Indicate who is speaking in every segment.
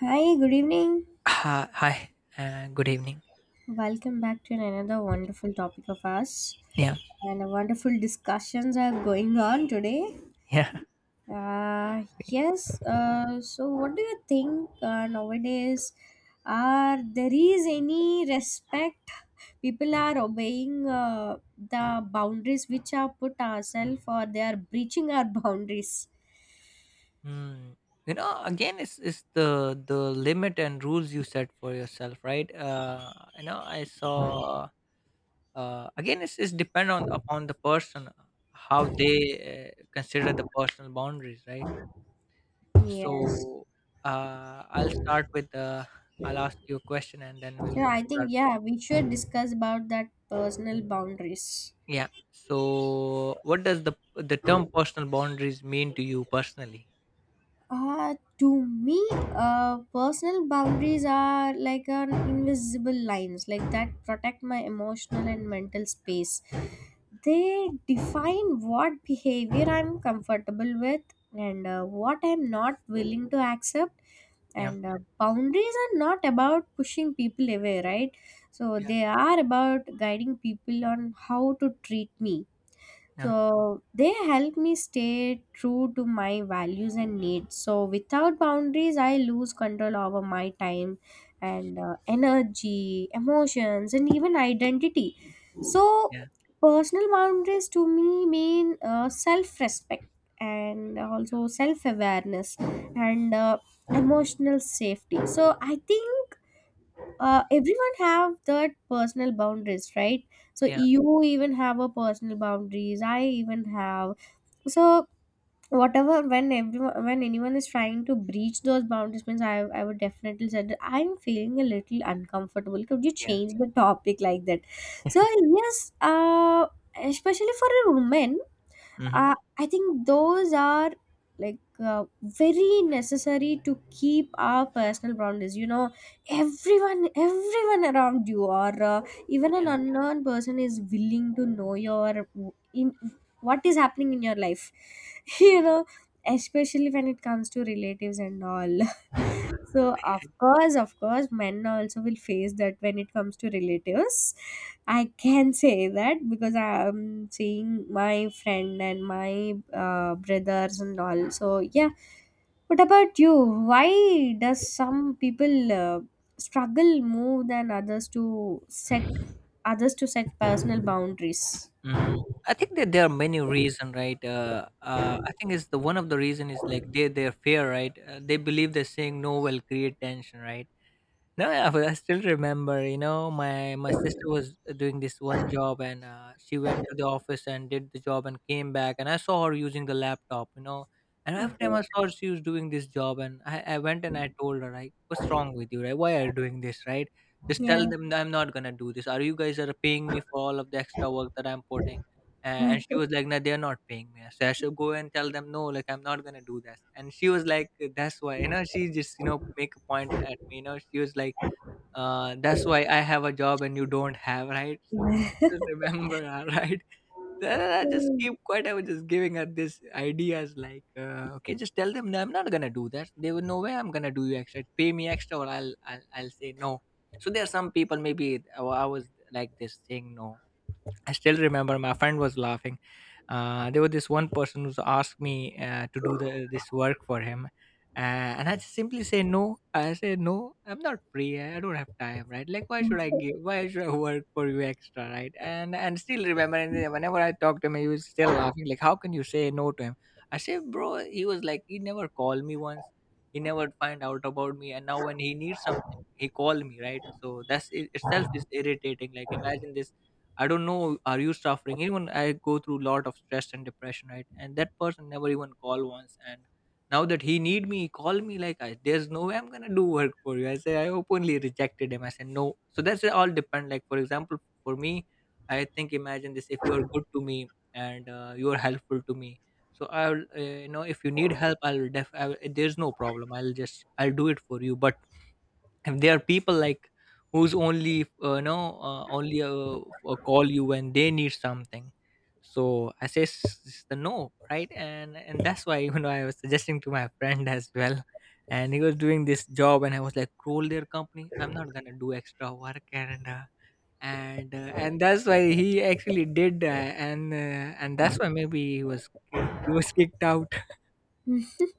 Speaker 1: Hi, good evening.
Speaker 2: Hi, good evening.
Speaker 1: Welcome back to another wonderful topic of us
Speaker 2: Yeah,
Speaker 1: and a wonderful discussions are going on today.
Speaker 2: yeah.
Speaker 1: Yes, so what do you think nowadays are there is any respect people are obeying the boundaries which are put ourselves or they are breaching our boundaries?
Speaker 2: Mm. You know, again, it's the limit and rules you set for yourself, right? You know, I saw. Again, it's depend on upon the person how they consider the personal boundaries, right?
Speaker 1: Yes.
Speaker 2: So, I'll start with I'll ask you a question and then
Speaker 1: So
Speaker 2: we'll
Speaker 1: I think
Speaker 2: start.
Speaker 1: yeah, we should discuss about that personal boundaries.
Speaker 2: Yeah. So, what does the term personal boundaries mean to you personally?
Speaker 1: To me, personal boundaries are like an invisible lines, like that protect my emotional and mental space. They define what behavior I'm comfortable with and what I'm not willing to accept.
Speaker 2: Yeah.
Speaker 1: And boundaries are not about pushing people away, right? So they are about guiding people on how to treat me,
Speaker 2: Yeah.
Speaker 1: so they help me stay true to my values and needs. So without boundaries, I lose control over my time and energy, emotions, and even identity. So
Speaker 2: Yeah.
Speaker 1: personal boundaries to me mean self-respect and also self-awareness and emotional safety. So I think everyone have that personal boundaries, right? So
Speaker 2: Yeah,
Speaker 1: you even have a personal boundaries, I even have. So whatever, when everyone, when anyone is trying to breach those boundaries means i would definitely say that I'm feeling a little uncomfortable, could you
Speaker 2: yeah.
Speaker 1: change the topic, like that. So yes, especially for a woman,
Speaker 2: Mhm.
Speaker 1: I think those are like very necessary to keep our personal boundaries. Everyone around you, or even an
Speaker 2: Yeah,
Speaker 1: unknown person is willing to know your, in what is happening in your life,
Speaker 2: yeah,
Speaker 1: you know especially when it comes to relatives and all.
Speaker 2: yeah.
Speaker 1: So
Speaker 2: I-
Speaker 1: of course, men also will face that when it comes to relatives. I can say that because I'm seeing my friend and my brothers and all. So yeah. What about you? Why does some people struggle more than others to set personal boundaries?
Speaker 2: Mm. I think that there are many reason, right? I think it's the one of the reason is like they their fear, right? They believe that saying no will create tension, right? No, yeah, but I still remember, you know, my sister was doing this one job and she went to the office and did the job and came back and I saw her using the laptop, you know. And every time I
Speaker 1: Okay.
Speaker 2: saw her, she was doing this job and I went and I told her, like, what's wrong with you, right? Why are you doing this, right? Just
Speaker 1: Yeah.
Speaker 2: tell them that I'm not gonna do this. Are you guys are paying me for all of the extra work that I'm putting? Uh, and she was like, no, they're not paying me. So I should go and tell them, no, like, I'm not gonna do this. And she was like, that's why, you know, she just, you know, make a point at me, you know, she was like, that's why I have a job and you don't have, right? So I just remember her, right? Then I just keep quiet. I was just giving her this ideas like, okay, just tell them no, I'm not gonna do that. There were no way I'm gonna do you extra. Pay me extra, or I'll say no. So there are some people maybe I was like this saying no. I still remember my friend was laughing. There was this one person who asked me to do this work for him, and I just simply say no. I say no. I'm not free. I don't have time. Right? Like, why should I give? Why should I work for you extra? Right? And still remember, and then whenever I talk to him, he was still laughing. Like, how can you say no to him? I say, bro. He was like, he never called me once. He never find out about me. And now when he needs something, he called me. Right? So that's it itself is irritating. Like, imagine this, I don't know, are you suffering? Even I go through a lot of stress and depression, right? And that person never even call once. And now that he need me, he call me like, I, there's no way I'm gonna do work for you. I say I openly rejected him. I said no. So that's all depend. Like for example, for me, I think imagine this: if you are good to me and you are helpful to me, so I'll you know if you need help, I'll def. There's no problem. I'll just I'll do it for you. But and there are people like who's only no only call you when they need something, so I say the no, right, and that's why you know I was suggesting to my friend as well, and he was doing this job and I was like call their company, I'm not gonna do extra work, and and that's why he actually did and and that's why maybe he was kicked out.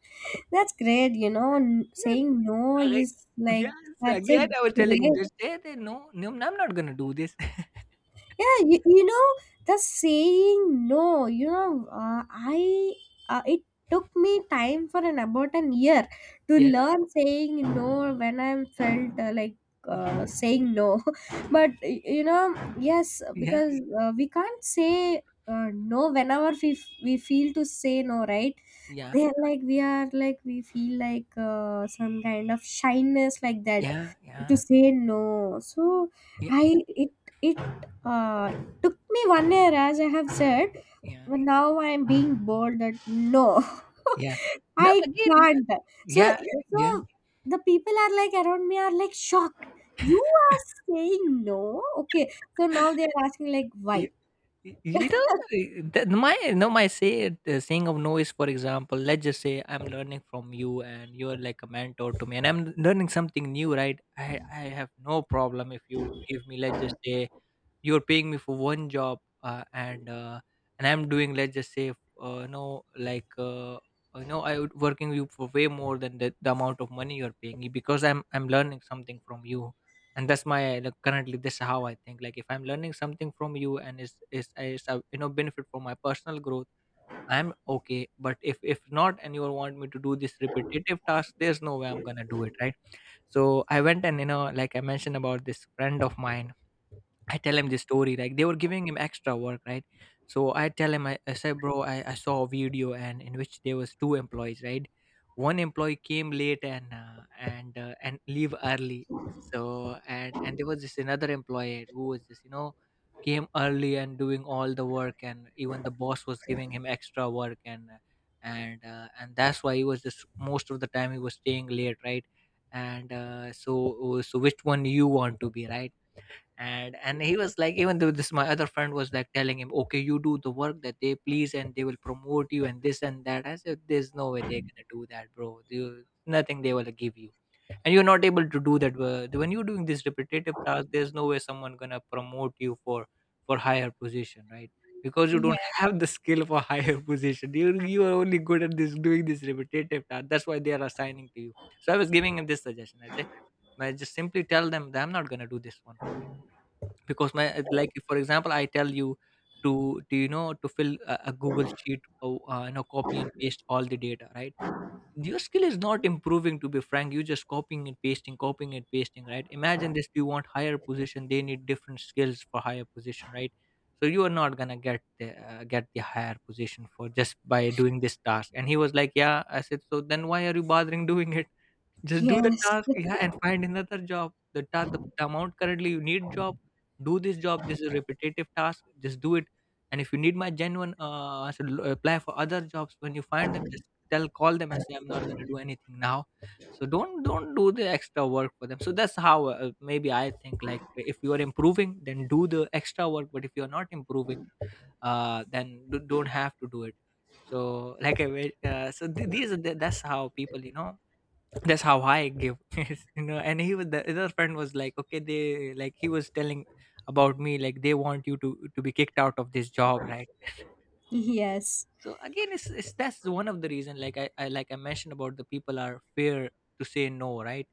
Speaker 1: That's great, you know, saying no
Speaker 2: Correct.
Speaker 1: is like,
Speaker 2: Yes,
Speaker 1: that's a
Speaker 2: again, I was telling him,
Speaker 1: great.
Speaker 2: "Just stay there. No, no, I'm not gonna do this."
Speaker 1: Yeah, you know the saying no you know I it took me time for an about an year to
Speaker 2: Yeah,
Speaker 1: learn saying no, when I felt like,
Speaker 2: y-
Speaker 1: saying no. But you know, yes,
Speaker 2: yeah,
Speaker 1: because we can't say no whenever we, we feel to say no, right?
Speaker 2: yeah,
Speaker 1: They're like, we are like, we feel like some kind of shyness like that
Speaker 2: yeah,
Speaker 1: to
Speaker 2: yeah,
Speaker 1: say no. So
Speaker 2: yeah,
Speaker 1: I it it uh, took me one year, as I have said.
Speaker 2: yeah,
Speaker 1: But now I'm being bold that no,
Speaker 2: yeah. No,
Speaker 1: I
Speaker 2: again,
Speaker 1: can't. So,
Speaker 2: yeah, yeah.
Speaker 1: so the people are like around me are like shocked. You are saying no? Okay. So now they are asking like
Speaker 2: Y-
Speaker 1: why?
Speaker 2: You know, eh, that my no, my say the saying of no is, for example, let's just say I'm learning from you, and you're like a mentor to me, and I'm learning something new, right? I have no problem if you give me, let's just say, you're paying me for one job and and I'm doing, let's just say, no like no I would working you for way more than the amount of money you're paying me, because I'm learning something from you. And that's my like, currently this is how I think, like if I'm learning something from you and it's a, you know, benefit for my personal growth, I'm okay. But if not and you want me to do this repetitive task, there's no way I'm gonna do it, right? So I went, and you know, like I mentioned about this friend of mine, I tell him the story, like they were giving him extra work, right? So I tell him, I said, bro, I saw a video, and in which there was two employees, right? One employee came late and and leave early. So and there was this another employee who was just you know came early and doing all the work, and even the boss was giving him extra work, and and and that's why he was just most of the time he was staying late, right? And So so which one you want to be, right? And he was like, even though this my other friend was like telling him okay you do the work that they please and they will promote you and this and that, I said there's no way they're gonna do that, bro, you, nothing they will give you, and you're not able to do that when you're doing this repetitive task, there's no way someone gonna promote you for higher position, right? Because you don't
Speaker 1: Yeah.
Speaker 2: have the skill for higher position. You are only good at this doing this repetitive task, that's why they are assigning to you. So I was giving him this suggestion, I say I just simply tell them that I'm not gonna do this one for, because my like for example I tell you to do you know to fill a Google sheet or you know copy and paste all the data, right? Your skill is not improving, to be frank, you're just copying and pasting, copying and pasting, right? Imagine this, you want higher position, they need different skills for higher position, right? So you are not gonna get the higher position for just by doing this task. And he was like yeah, I said so then why are you bothering doing it, just do the
Speaker 1: Yes.
Speaker 2: task, yeah, and find another job. The amount currently you need job, do this job. This is a repetitive task. Just do it. And if you need my genuine answer, apply for other jobs. When you find them, just tell, call them and say I'm not gonna do anything now. So don't do the extra work for them. So that's how maybe I think like if you are improving, then do the extra work. But if you are not improving, then don't have to do it. So like I wa- so th- these are the, that's how people you know that's how high I give you know, and he was the other friend was like okay they like he was telling about me like they want you to be kicked out of this job, right?
Speaker 1: Yes.
Speaker 2: So again it's that's one of the reason, like I like I mentioned about the people are fair to say no, right?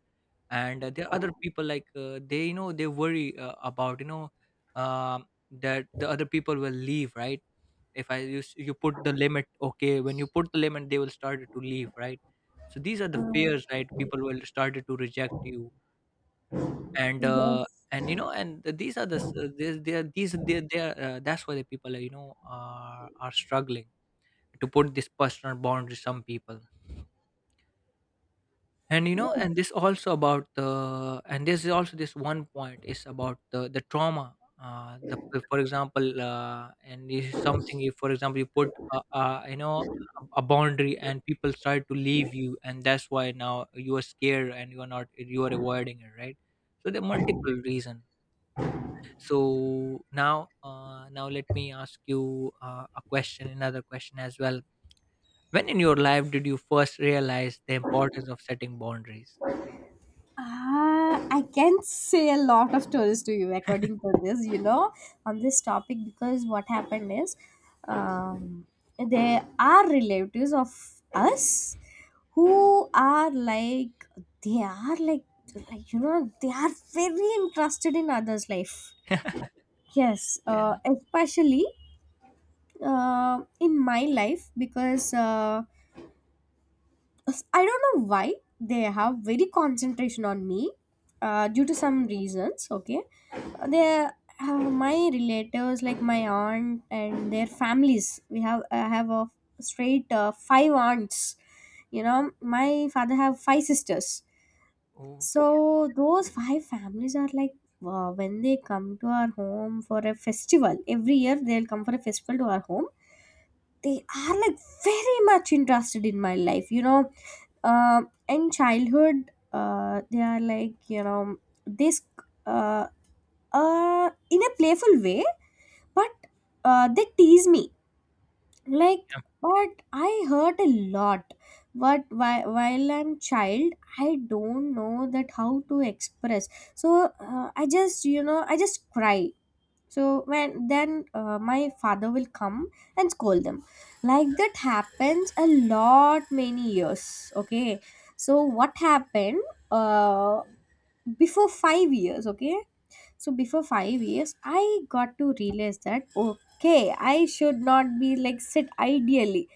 Speaker 2: And there are other people like they you know they worry about you know that the other people will leave, right? If I use you put the limit, okay when you put the limit they will start to leave, right? So these are the
Speaker 1: Uh,
Speaker 2: fears, right, people will start to reject you. and uh,
Speaker 1: yes.
Speaker 2: and you know and these are the s- they are these they are that's why the people are you know are struggling to put this personal boundary, some people. And you know and
Speaker 1: Yes.
Speaker 2: this also about the, and this is also this one point is about the trauma, the for example and this is something if for example you put you know a boundary and people start to leave you and that's why now you are scared and you are not you are avoiding it, right? So there are multiple reasons. So now now let me ask you a question, another question as well. When in your life did you first realize the importance of setting boundaries?
Speaker 1: Ah, I can say a lot of stories to you according to this, you know, on this topic because what happened is, um, there are relatives of us who are like, they are like, you know, they are very interested in others' life. Yes,
Speaker 2: Yeah.
Speaker 1: especially in my life because. I don't know why they have very concentration on me due to some reasons. Okay, they my relatives like my aunt and their families. We have I have a straight five aunts. You know, my father have five sisters.
Speaker 2: Oh,
Speaker 1: So those five families are like wow, when they come to our home for a festival every year. They'll come for a festival to our home. They are like very much interested in my life, you know, uh, in childhood, they are like, you know, this uh, in a playful way, but they tease me like,
Speaker 2: yum,
Speaker 1: but I hurt a lot. But while I'm child, I don't know that how to express. So I just, you know, I just cry. So when then my father will come and scold them, like that happens a lot many years, okay. So what happened, uh, before 5 years, okay, so before 5 years I got to realize that okay, I should not be like sit ideally,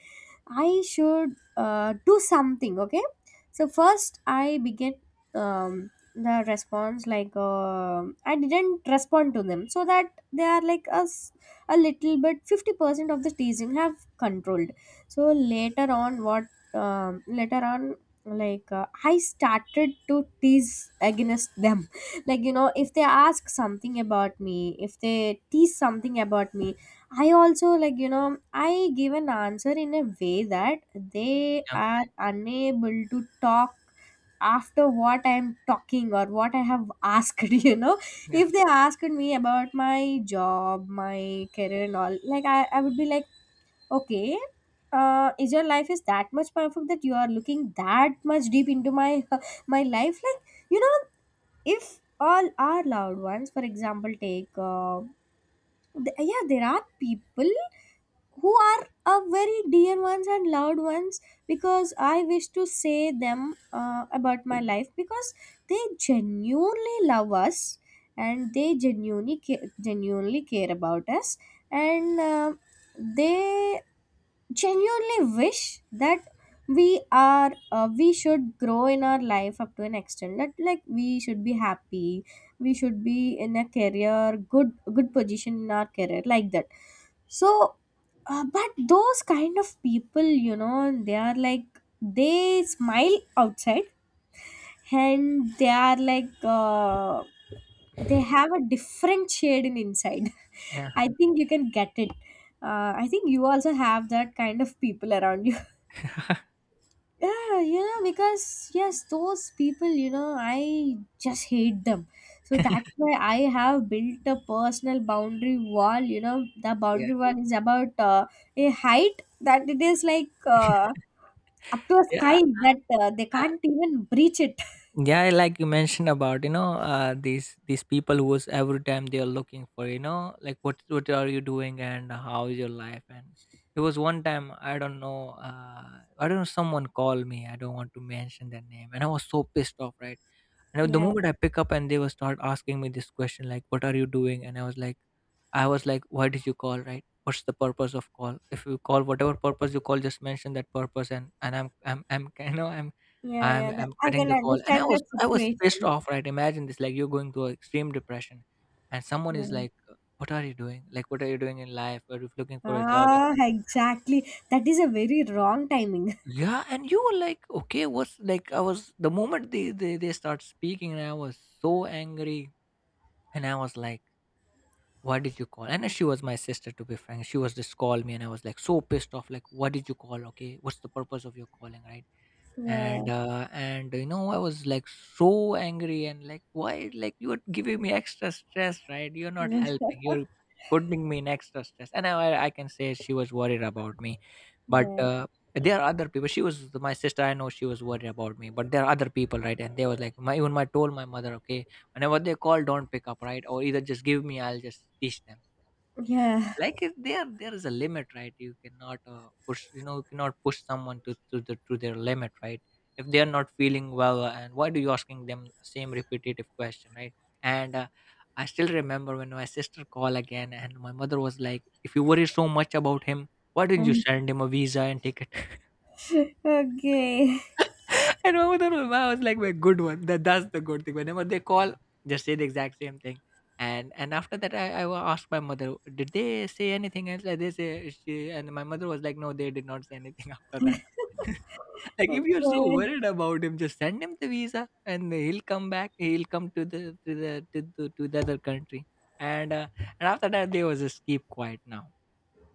Speaker 1: I should do something, okay? So first I began, the response like, I didn't respond to them so that they are like us a little bit, 50% of the teasing have controlled. So later on what, later on, like I started to tease against them like you know if they ask something about me, if they tease something about me, I also like you know I give an answer in a way that they
Speaker 2: yum.
Speaker 1: are unable to talk after what I'm talking or what I have asked. You know,
Speaker 2: Yeah,
Speaker 1: if they asked me about my job, my career, and all, like I would be like, okay, is your life is that much perfect that you are looking that much deep into my my life, like you know, if all our loved ones, for example, take yeah, there are people who are a very dear ones and loved ones, because I wish to say them about my life because they genuinely love us and they genuinely care about us, and they genuinely wish that we are, we should grow in our life up to an extent that, like, we should be happy, we should be in a career, good good position in our career, like that. So, but those kind of people, you know, they are like, they smile outside, and they are like, they have a different shade in inside.
Speaker 2: yeah,
Speaker 1: I think you can get it. I think you also have that kind of people around you. Yeah, you know, because yes, those people, you know, I just hate them. So that's why I have built a personal boundary wall. You know, the
Speaker 2: yeah,
Speaker 1: boundary wall is about a height that it is like up to a
Speaker 2: yeah.
Speaker 1: sky that they
Speaker 2: Uh,
Speaker 1: can't even breach it.
Speaker 2: yeah, like you mentioned about, these people who is every time they are looking for, like what are you doing and how is your life. And it was one time, I don't know, I don't know, someone called me. I don't want to mention their name, and I was so pissed off, right? And the
Speaker 1: Yeah,
Speaker 2: moment I pick up and they will start asking me this question like, "What are you doing?" And I was like, "Why did you call? Right? What's the purpose of call? If you call, whatever purpose you call, just mention that purpose." And I'm I'm
Speaker 1: yeah,
Speaker 2: I'm
Speaker 1: yeah. That,
Speaker 2: I'm
Speaker 1: I
Speaker 2: cutting
Speaker 1: can
Speaker 2: the call. And
Speaker 1: understand
Speaker 2: I was
Speaker 1: that
Speaker 2: I was pissed
Speaker 1: situation.
Speaker 2: off. Right? Imagine this, like, you're going through extreme depression, and someone
Speaker 1: Yeah.
Speaker 2: is like, "What are you doing? Like, what are you doing in life? Are you looking for a job?"
Speaker 1: Ah, exactly. That is a very wrong timing.
Speaker 2: Yeah, and you were like, okay, what's like, I was the moment they start speaking and I was so angry. And I was like, why did you call? And she was my sister, to be frank. She was just called me, and I was like so pissed off. Like, why did you call? Okay, what's the purpose of your calling, right?
Speaker 1: Yeah.
Speaker 2: And and I was like so angry and like, why? Like, you are giving me extra stress, right? You're not helping. You're putting me in extra stress. And I can say she was worried about me, but
Speaker 1: Yeah.
Speaker 2: there are other people. She was my sister, I know she was worried about me, but there are other people, right? And they was like my, even my told my mother, okay, whenever they call don't pick up, right, or either just give me, I'll just teach them.
Speaker 1: Yeah.
Speaker 2: Like if there is a limit, right? You cannot push, you know, you cannot push someone to their limit, right? If they are not feeling well and why do you asking them same repetitive question, right? And I still remember when my sister called again and my mother was like, if you worry so much about him, why didn't you send him a visa and take a,
Speaker 1: Okay.
Speaker 2: and Mahmoud and Ulma was like my good one. That's the good thing. Whenever they call, just say the exact same thing. And after that, I asked my mother, did they say anything else? Like they say she, and my mother was like, no, they did not say anything after that. Like if you're so
Speaker 1: Okay.
Speaker 2: worried about him, just send him the visa, and he'll come back. He'll come to the other country. And and after that, they was just keep quiet now.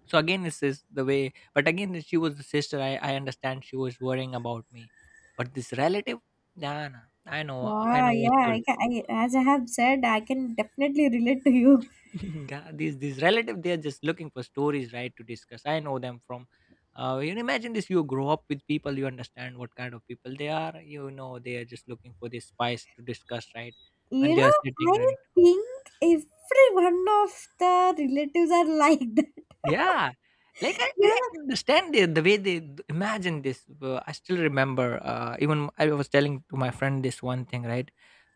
Speaker 2: So again, this is the way, but again, she was the sister. I understand she was worrying about me, but this relative, nah, nah. I know. I
Speaker 1: Wow,
Speaker 2: know what
Speaker 1: yeah,
Speaker 2: you
Speaker 1: I,
Speaker 2: look.
Speaker 1: can, I as I have said, I can definitely relate to you.
Speaker 2: Yeah, these relative they're just looking for stories, right, to discuss. I know them from, you know, imagine this, you grow up with people, you understand what kind of people they are. You know, they are just looking for this spice to discuss, right? When
Speaker 1: You
Speaker 2: they are
Speaker 1: know,
Speaker 2: sitting,
Speaker 1: I
Speaker 2: right?
Speaker 1: think every one of the relatives are like that.
Speaker 2: Yeah. Like, I
Speaker 1: Yeah.
Speaker 2: I can understand the way they d imagine this. I still remember, even I was telling to my friend this one thing, right?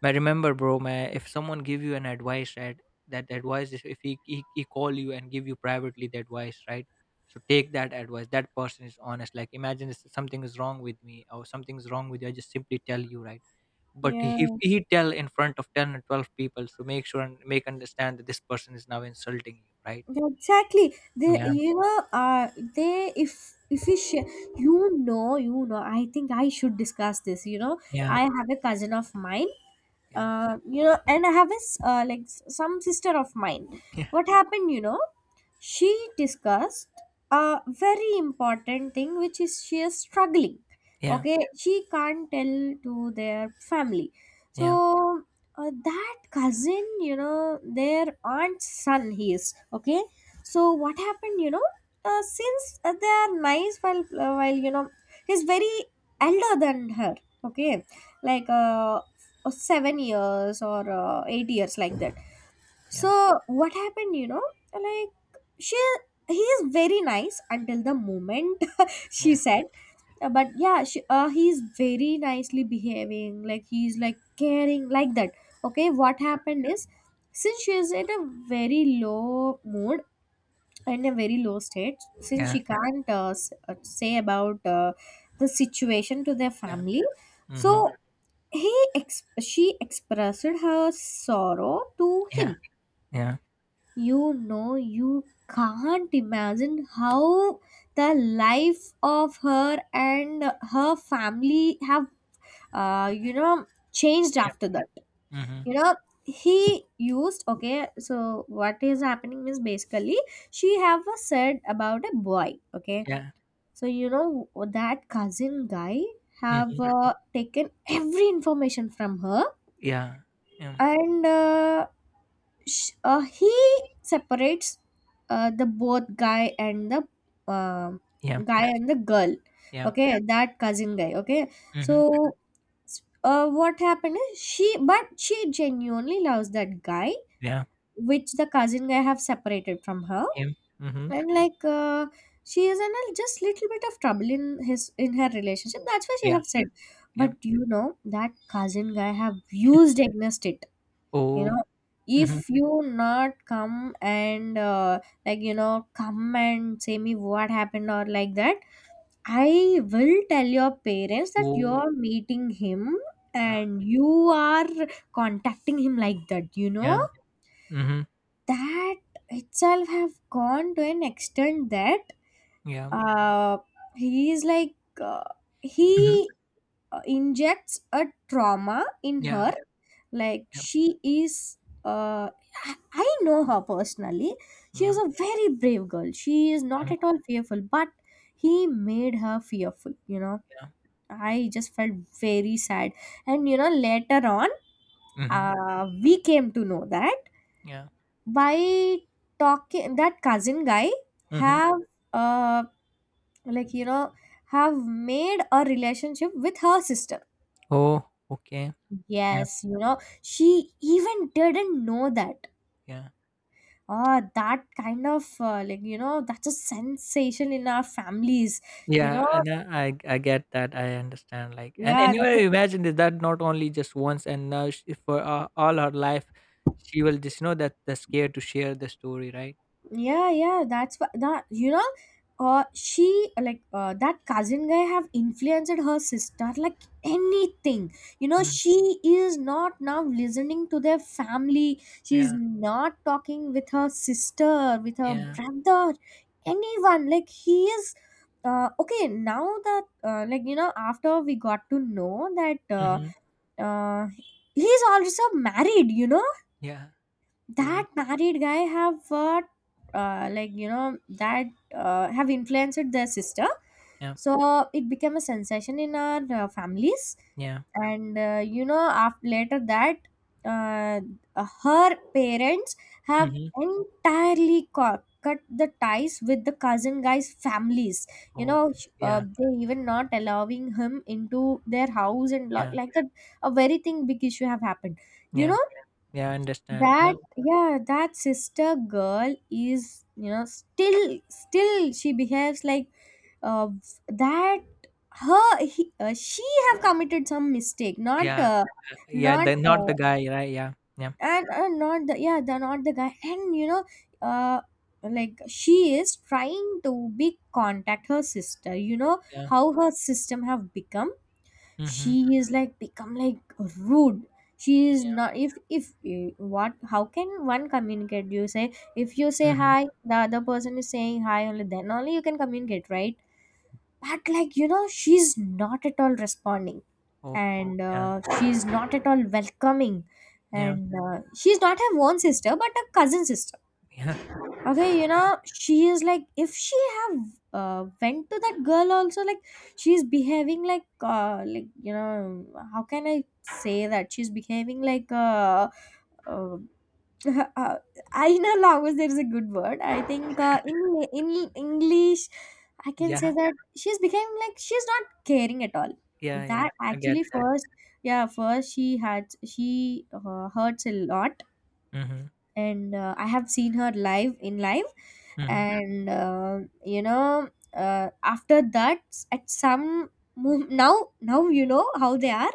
Speaker 2: I remember, bro, man, if someone give you an advice, right, that advice is if he call you and give you privately the advice, right? So take that advice. That person is honest. Like, imagine if something is wrong with me or something is wrong with you, I just simply tell you, right? But
Speaker 1: Yeah.
Speaker 2: if he tell in front of 10 and 12 people, so make sure and make understand that this person is now insulting you, right?
Speaker 1: Exactly. They,
Speaker 2: Yeah.
Speaker 1: you know, they if efficient. You know, you know. I think I should discuss this. You know,
Speaker 2: Yeah.
Speaker 1: I have a cousin of mine.
Speaker 2: Yeah,
Speaker 1: You know, and I have a like some sister of mine.
Speaker 2: yeah,
Speaker 1: What happened? You know, she discussed a very important thing, which is she is struggling.
Speaker 2: yeah,
Speaker 1: Okay, she can't tell to their family.
Speaker 2: yeah,
Speaker 1: So that cousin, you know, their aunt's son, he is okay. So what happened, you know, since they are nice, while you know, he's very elder than her, okay, like 7 years or 8 years, like that.
Speaker 2: yeah,
Speaker 1: So what happened, you know, like she, he is very nice until the moment she
Speaker 2: yeah,
Speaker 1: said, uh, but yeah, she, he's very nicely behaving, like he's like caring, like that. Okay, what
Speaker 2: yeah,
Speaker 1: happened is, since she is in a very low mood, in a very low state, since
Speaker 2: yeah,
Speaker 1: she can't say about the situation to their
Speaker 2: yeah,
Speaker 1: family,
Speaker 2: mhm,
Speaker 1: so he ex- she expressed her sorrow to
Speaker 2: yeah,
Speaker 1: him.
Speaker 2: yeah,
Speaker 1: You know, you can't imagine how the life of her and her family have, you know, changed
Speaker 2: yeah,
Speaker 1: after that.
Speaker 2: mhm,
Speaker 1: You know, he used, okay. So what is happening is basically she have a said about a boy. Okay,
Speaker 2: yeah,
Speaker 1: so you know that cousin guy have
Speaker 2: mhm,
Speaker 1: taken every information from her.
Speaker 2: yeah, yeah,
Speaker 1: And. He separates the both um
Speaker 2: yeah,
Speaker 1: guy and the girl,
Speaker 2: yeah,
Speaker 1: okay. Yeah. That cousin guy, okay.
Speaker 2: mhm,
Speaker 1: So what happened is, she, but she genuinely loves that guy,
Speaker 2: yeah,
Speaker 1: which the cousin guy have separated from her.
Speaker 2: yeah, mhm,
Speaker 1: And like she is in a just little bit of trouble in his, in her relationship, that's why she
Speaker 2: yeah,
Speaker 1: have said.
Speaker 2: yeah,
Speaker 1: But you know that cousin guy have used against it. You
Speaker 2: oh,
Speaker 1: know, if
Speaker 2: mhm,
Speaker 1: you not come and like you know, come and say me what happened, or like that, I will tell your parents that
Speaker 2: oh,
Speaker 1: you're meeting him
Speaker 2: uh,
Speaker 1: and you are contacting him, like that, you know.
Speaker 2: yeah, mhm,
Speaker 1: That itself have gone to an extent that
Speaker 2: yeah,
Speaker 1: uh he is like, uh, he
Speaker 2: mhm,
Speaker 1: injects a trauma in
Speaker 2: yeah,
Speaker 1: her, like
Speaker 2: yeah,
Speaker 1: she is, uh, I know her personally. She is
Speaker 2: yeah,
Speaker 1: a very brave girl. She is not
Speaker 2: yeah,
Speaker 1: at all fearful, but he made her fearful, you know.
Speaker 2: yeah,
Speaker 1: I just felt very sad. And you know, later on,
Speaker 2: mhm,
Speaker 1: we came to know that
Speaker 2: yeah,
Speaker 1: by talking, that cousin guy
Speaker 2: mhm,
Speaker 1: have, uh, like, you know, have made a relationship with her sister.
Speaker 2: oh, okay, yeah,
Speaker 1: Yes, you know, she even didn't know that.
Speaker 2: yeah.
Speaker 1: That kind of like you know, that's a sensation in our families. You
Speaker 2: Yeah,
Speaker 1: know,
Speaker 2: and I get that. I understand. Like, and
Speaker 1: yeah, that's
Speaker 2: anyway,
Speaker 1: a
Speaker 2: imagine this, that not only just once, and now she, for all her life, she will just know that the scare to share the story, right?
Speaker 1: Yeah, yeah, that's wha- that you know, she like that cousin guy have influenced her sister like anything. You know,
Speaker 2: Mm,
Speaker 1: she is not now listening to their family. She's
Speaker 2: yeah,
Speaker 1: not talking with her sister, with her
Speaker 2: yeah,
Speaker 1: brother, anyone. Like he is. Okay, now that like you know, after we got to know that
Speaker 2: mm-hmm,
Speaker 1: uh, he's also married. You know
Speaker 2: yeah, oh,
Speaker 1: that married guy have like you know that have influenced their sister,
Speaker 2: yeah,
Speaker 1: so it became a sensation in our families.
Speaker 2: yeah,
Speaker 1: And you know, after later that uh, her parents have
Speaker 2: mm-hmm,
Speaker 1: entirely cut the ties with the cousin guy's families. You
Speaker 2: oh,
Speaker 1: know,
Speaker 2: yeah,
Speaker 1: they even not allowing him into their house, and
Speaker 2: yeah,
Speaker 1: like that, a very thing big issue have happened, you
Speaker 2: yeah,
Speaker 1: know.
Speaker 2: yeah. I understand. You
Speaker 1: That
Speaker 2: know,
Speaker 1: yeah, that sister girl is, you know, still she behaves like uh, that she have committed some mistake, not
Speaker 2: yeah, yeah.
Speaker 1: not
Speaker 2: The not the guy, right? Yeah, yeah,
Speaker 1: and not the, yeah, the not the guy. And you know, uh like she is trying to be contact her sister, you know,
Speaker 2: yeah,
Speaker 1: how her system have become. She
Speaker 2: mm-hmm,
Speaker 1: is like become like rude. She is
Speaker 2: yeah,
Speaker 1: not, if what, how can one communicate? You say if you say
Speaker 2: mm-hmm.
Speaker 1: hi, the other person is saying hi, only then only you can communicate, right? But like you know, she's not at all responding,
Speaker 2: Oh,
Speaker 1: and
Speaker 2: yeah,
Speaker 1: she's not at all welcoming,
Speaker 2: yeah,
Speaker 1: and she's not her own sister, but a cousin sister.
Speaker 2: yeah,
Speaker 1: Okay, you know, she is like if she have went to that girl also, like she's behaving like you know. How can I say that? She's behaving like uh, uh, inner. Always there is a good word, I think, in English. I can say
Speaker 2: yeah,
Speaker 1: that she's became like she's not caring at all.
Speaker 2: yeah, yeah.
Speaker 1: That
Speaker 2: I get
Speaker 1: actually
Speaker 2: that.
Speaker 1: first, yeah, first she had, she hurts a lot.
Speaker 2: Mm-hmm.
Speaker 1: And I have seen her live in live,
Speaker 2: Mm-hmm.
Speaker 1: and you know, after that, at some now you know how they are.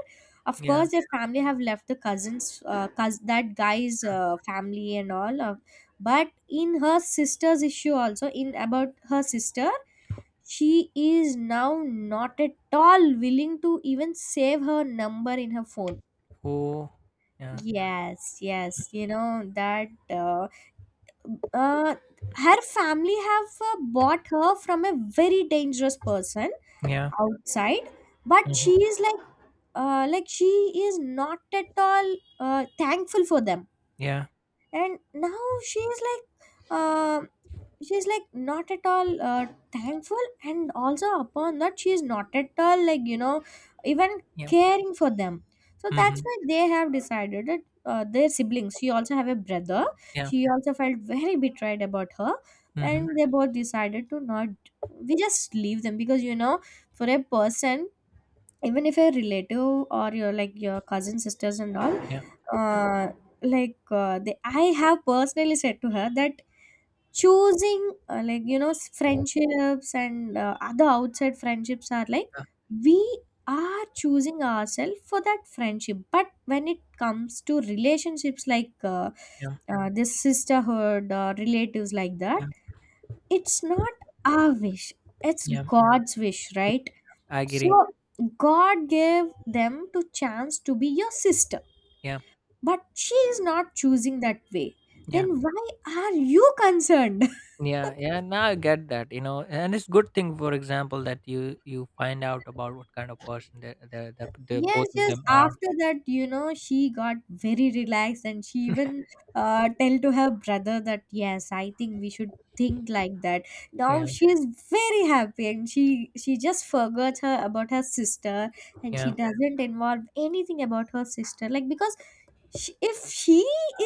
Speaker 1: Of
Speaker 2: Yeah,
Speaker 1: course, their family have left the cousins, that guy's
Speaker 2: yeah.
Speaker 1: family and all. But in her sister's issue also, in about her sister, she is now not at all willing to even save her number in her phone.
Speaker 2: Oh, yeah,
Speaker 1: Yes, yes, you know that uh, her family have bought her from a very dangerous person
Speaker 2: yeah,
Speaker 1: outside, but she
Speaker 2: mhm,
Speaker 1: is like she is not at all thankful for them.
Speaker 2: yeah,
Speaker 1: And now she is like uh, she's like not at all thankful, and also upon that she is not at all, like you know, even
Speaker 2: yeah,
Speaker 1: caring for them. So that's
Speaker 2: mhm,
Speaker 1: why they have decided that their siblings, she also have a brother,
Speaker 2: yeah,
Speaker 1: she also felt very betrayed about her. And
Speaker 2: mhm,
Speaker 1: they both decided to not, we just leave them, because you know, for a person, even if a relative or your like your cousin sisters and all,
Speaker 2: yeah,
Speaker 1: uh, like they, I have personally said to her that choosing like you know, friendships and other outside friendships are like
Speaker 2: yeah,
Speaker 1: we are choosing ourselves for that friendship. But when it comes to relationships like
Speaker 2: yeah,
Speaker 1: this sisterhood or relatives like that,
Speaker 2: yeah,
Speaker 1: it's not our wish, it's
Speaker 2: yeah.
Speaker 1: God's wish, right?
Speaker 2: I agree.
Speaker 1: So God gave them to chance to be your sister,
Speaker 2: Yeah,
Speaker 1: but she is not choosing that way.
Speaker 2: yeah,
Speaker 1: Then why are you concerned?
Speaker 2: yeah, yeah. Now I get that, you know, and it's good thing, for example, that you find out about what kind of person the the the, the
Speaker 1: Yes,
Speaker 2: both of
Speaker 1: yes.
Speaker 2: them are.
Speaker 1: After that, you know, she got very relaxed, and she even tell to her brother that yes, I think we should think like that. Now
Speaker 2: Yeah,
Speaker 1: she is very happy, and she just forgot her about her sister, and she
Speaker 2: yeah,
Speaker 1: doesn't involve anything about her sister, like because she, if she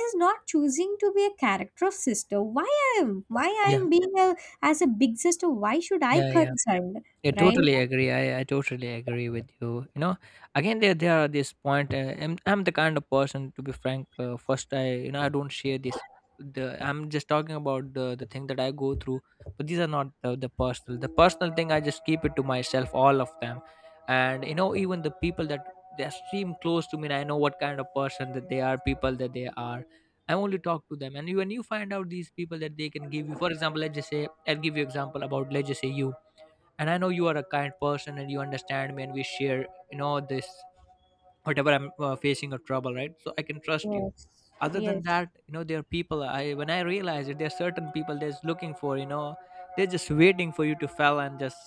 Speaker 1: is not choosing to be a character of sister, why I am? Why I
Speaker 2: yeah,
Speaker 1: am being a as a big sister? Why should I
Speaker 2: yeah, yeah.
Speaker 1: concerned?
Speaker 2: Yeah, totally
Speaker 1: Right?
Speaker 2: agree. I totally agree with you. You know, again, there are this point. I'm the kind of person, to be frank. First, I you know I don't share this. The, I'm just talking about the thing that I go through, but these are not the personal. The personal thing I just keep it to myself, all of them, and even the people that they seem close to me, and I know what kind of person that they are, people that they are. I only talk to them, and when you find out these people that they can give you, for example, let's just say I'll give you example about let's just say you, and I know you are a kind person and you understand me and we share, this whatever I'm facing a trouble, right? So I can trust you.
Speaker 1: Yes.
Speaker 2: Other than
Speaker 1: Yes.
Speaker 2: that, you know, there are people, I when I realize it, there are certain people that's looking for, they're just waiting for you to fail and just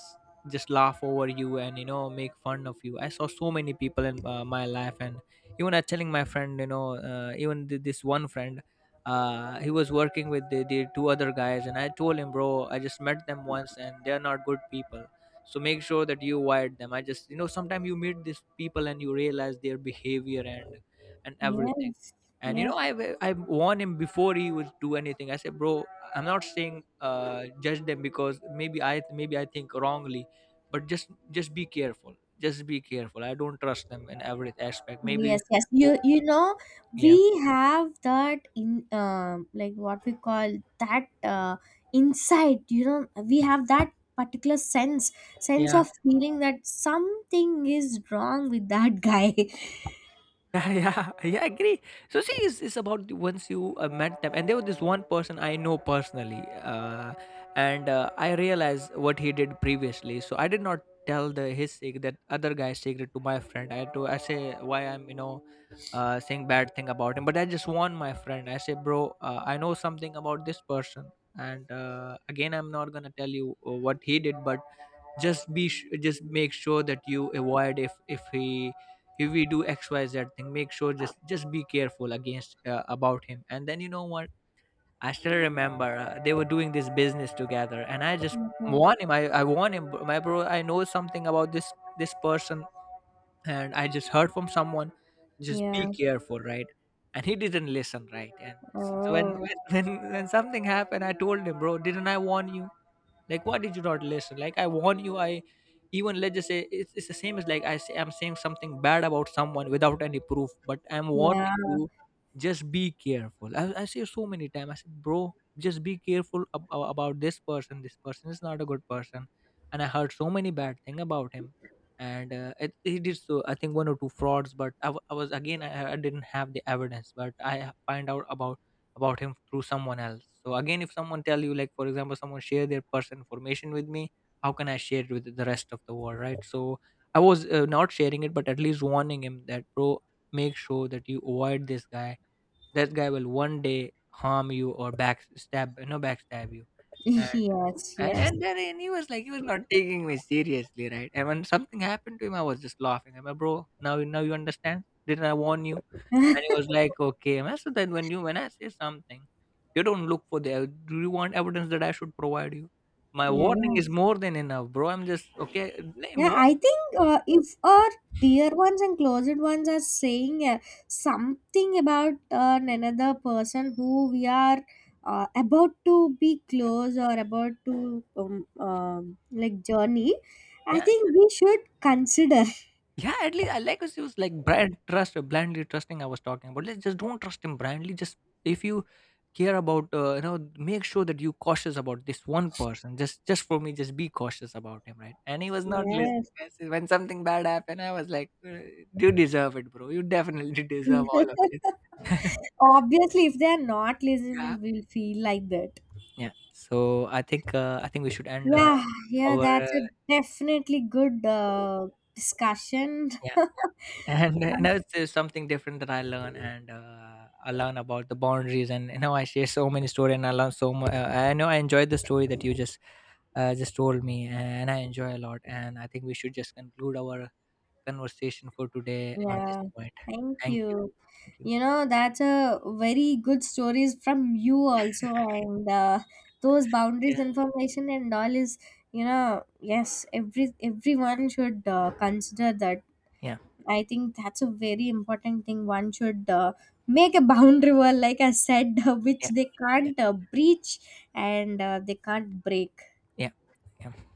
Speaker 2: laugh over you and, make fun of you. I saw so many people in my life and even I telling my friend, even this one friend, he was working with the two other guys and I told him, bro, I just met them once and they're not good people. So make sure that you avoid them. I just, sometimes you meet these people and you realize their behavior and everything.
Speaker 1: Yes.
Speaker 2: And,
Speaker 1: Yes.
Speaker 2: I warned him before he would do anything. I said, bro, I'm not saying, judge them because maybe I think wrongly, but just be careful. Just be careful. I don't trust them in every aspect. Maybe,
Speaker 1: Yes, yes.
Speaker 2: oh,
Speaker 1: You know, we
Speaker 2: yeah,
Speaker 1: have that in like what we call that insight. You know, we have that particular sense
Speaker 2: yeah,
Speaker 1: of feeling that something is wrong with that guy.
Speaker 2: yeah, yeah, yeah. I agree. So see, it's about once you met them, and there was this one person I know personally, and I realized what he did previously. So I did not tell the his secret, that other guy's secret, to my friend. I had to I say why I'm, saying bad thing about him, but I just warn my friend. I say, bro, I know something about this person. And again, I'm not gonna tell you what he did, but just make sure that you avoid. If he if we do xyz thing, make sure just be careful against, about him. And then, you know what, I still remember, they were doing this business together and I just
Speaker 1: Okay.
Speaker 2: warn him. I warn him, my bro, I know something about this person. And I just heard from someone, just be
Speaker 1: Yeah.
Speaker 2: careful, right? And he didn't listen, right? And so when
Speaker 1: Oh.
Speaker 2: when when something happened, I told him, bro, didn't I warn you? Like why did you not listen? Like, I warn you, I even let's just say, it's the same as like, I'm saying something bad about someone without any proof, but I'm
Speaker 1: Yeah.
Speaker 2: warning you, just be careful. I say so many times, I said, bro, just be careful about This person is not a good person. And I heard so many bad thing about him. And he did, so I think one or two frauds, but I was again, I didn't have the evidence, but I find out about, him through someone else. So again, if someone tell you, like for example, someone share their personal information with me, how can I share it with the rest of the world, right? So I was not sharing it, but at least warning him that, bro, make sure that you avoid this guy. That guy will one day harm you or backstab backstab you. and
Speaker 1: Yes,
Speaker 2: and
Speaker 1: yes.
Speaker 2: and then and he was like, he was not taking me seriously, right? And when something happened to him, I was just laughing. I'm like, bro, now you understand, didn't I warn you? And he was like, okay man. So then when you when I say something, you don't look for do you want evidence that I should provide you? My warning is
Speaker 1: Yes.
Speaker 2: more than enough, bro. I'm just, okay, name
Speaker 1: Yeah, I
Speaker 2: warning.
Speaker 1: think if our dear ones and closed ones are saying something about another person who we are about to be
Speaker 2: Yeah,
Speaker 1: close or about to like journey, I
Speaker 2: yeah.
Speaker 1: think we should consider.
Speaker 2: Yeah, at least I like us was like brand trust, blindly trusting. I was talking about. Let's just don't trust him blindly. Just if you care about, make sure that you cautious about this one person. Just for me, just be cautious about him, right? And he was not listening.
Speaker 1: Yes.
Speaker 2: I said, when something bad happened, I was like, You deserve it, bro. You definitely deserve all of it."
Speaker 1: Obviously, if they are not
Speaker 2: Yeah,
Speaker 1: listening, we'll feel like that.
Speaker 2: yeah. So I think we should end
Speaker 1: Yeah, yeah, that's a
Speaker 2: our.
Speaker 1: definitely good discussion.
Speaker 2: Uh, and, it's something different that I learn. And I learn about the boundaries, and, I share so many stories and I learn so much. I know I enjoyed the story that you just, just told me, and I enjoy a lot. And I think we should just conclude our conversation for today on this
Speaker 1: Yeah,
Speaker 2: point.
Speaker 1: thank
Speaker 2: Thank you.
Speaker 1: you.
Speaker 2: Thank you.
Speaker 1: You know, that's a very good stories from you also, and those boundaries
Speaker 2: Yeah,
Speaker 1: information and all is, you know, yes, everyone should consider that.
Speaker 2: yeah,
Speaker 1: I think that's a very important thing. One should make a boundary wall, like I said, which
Speaker 2: yeah,
Speaker 1: they
Speaker 2: yeah,
Speaker 1: can't breach and they can't break.
Speaker 2: yeah, yeah.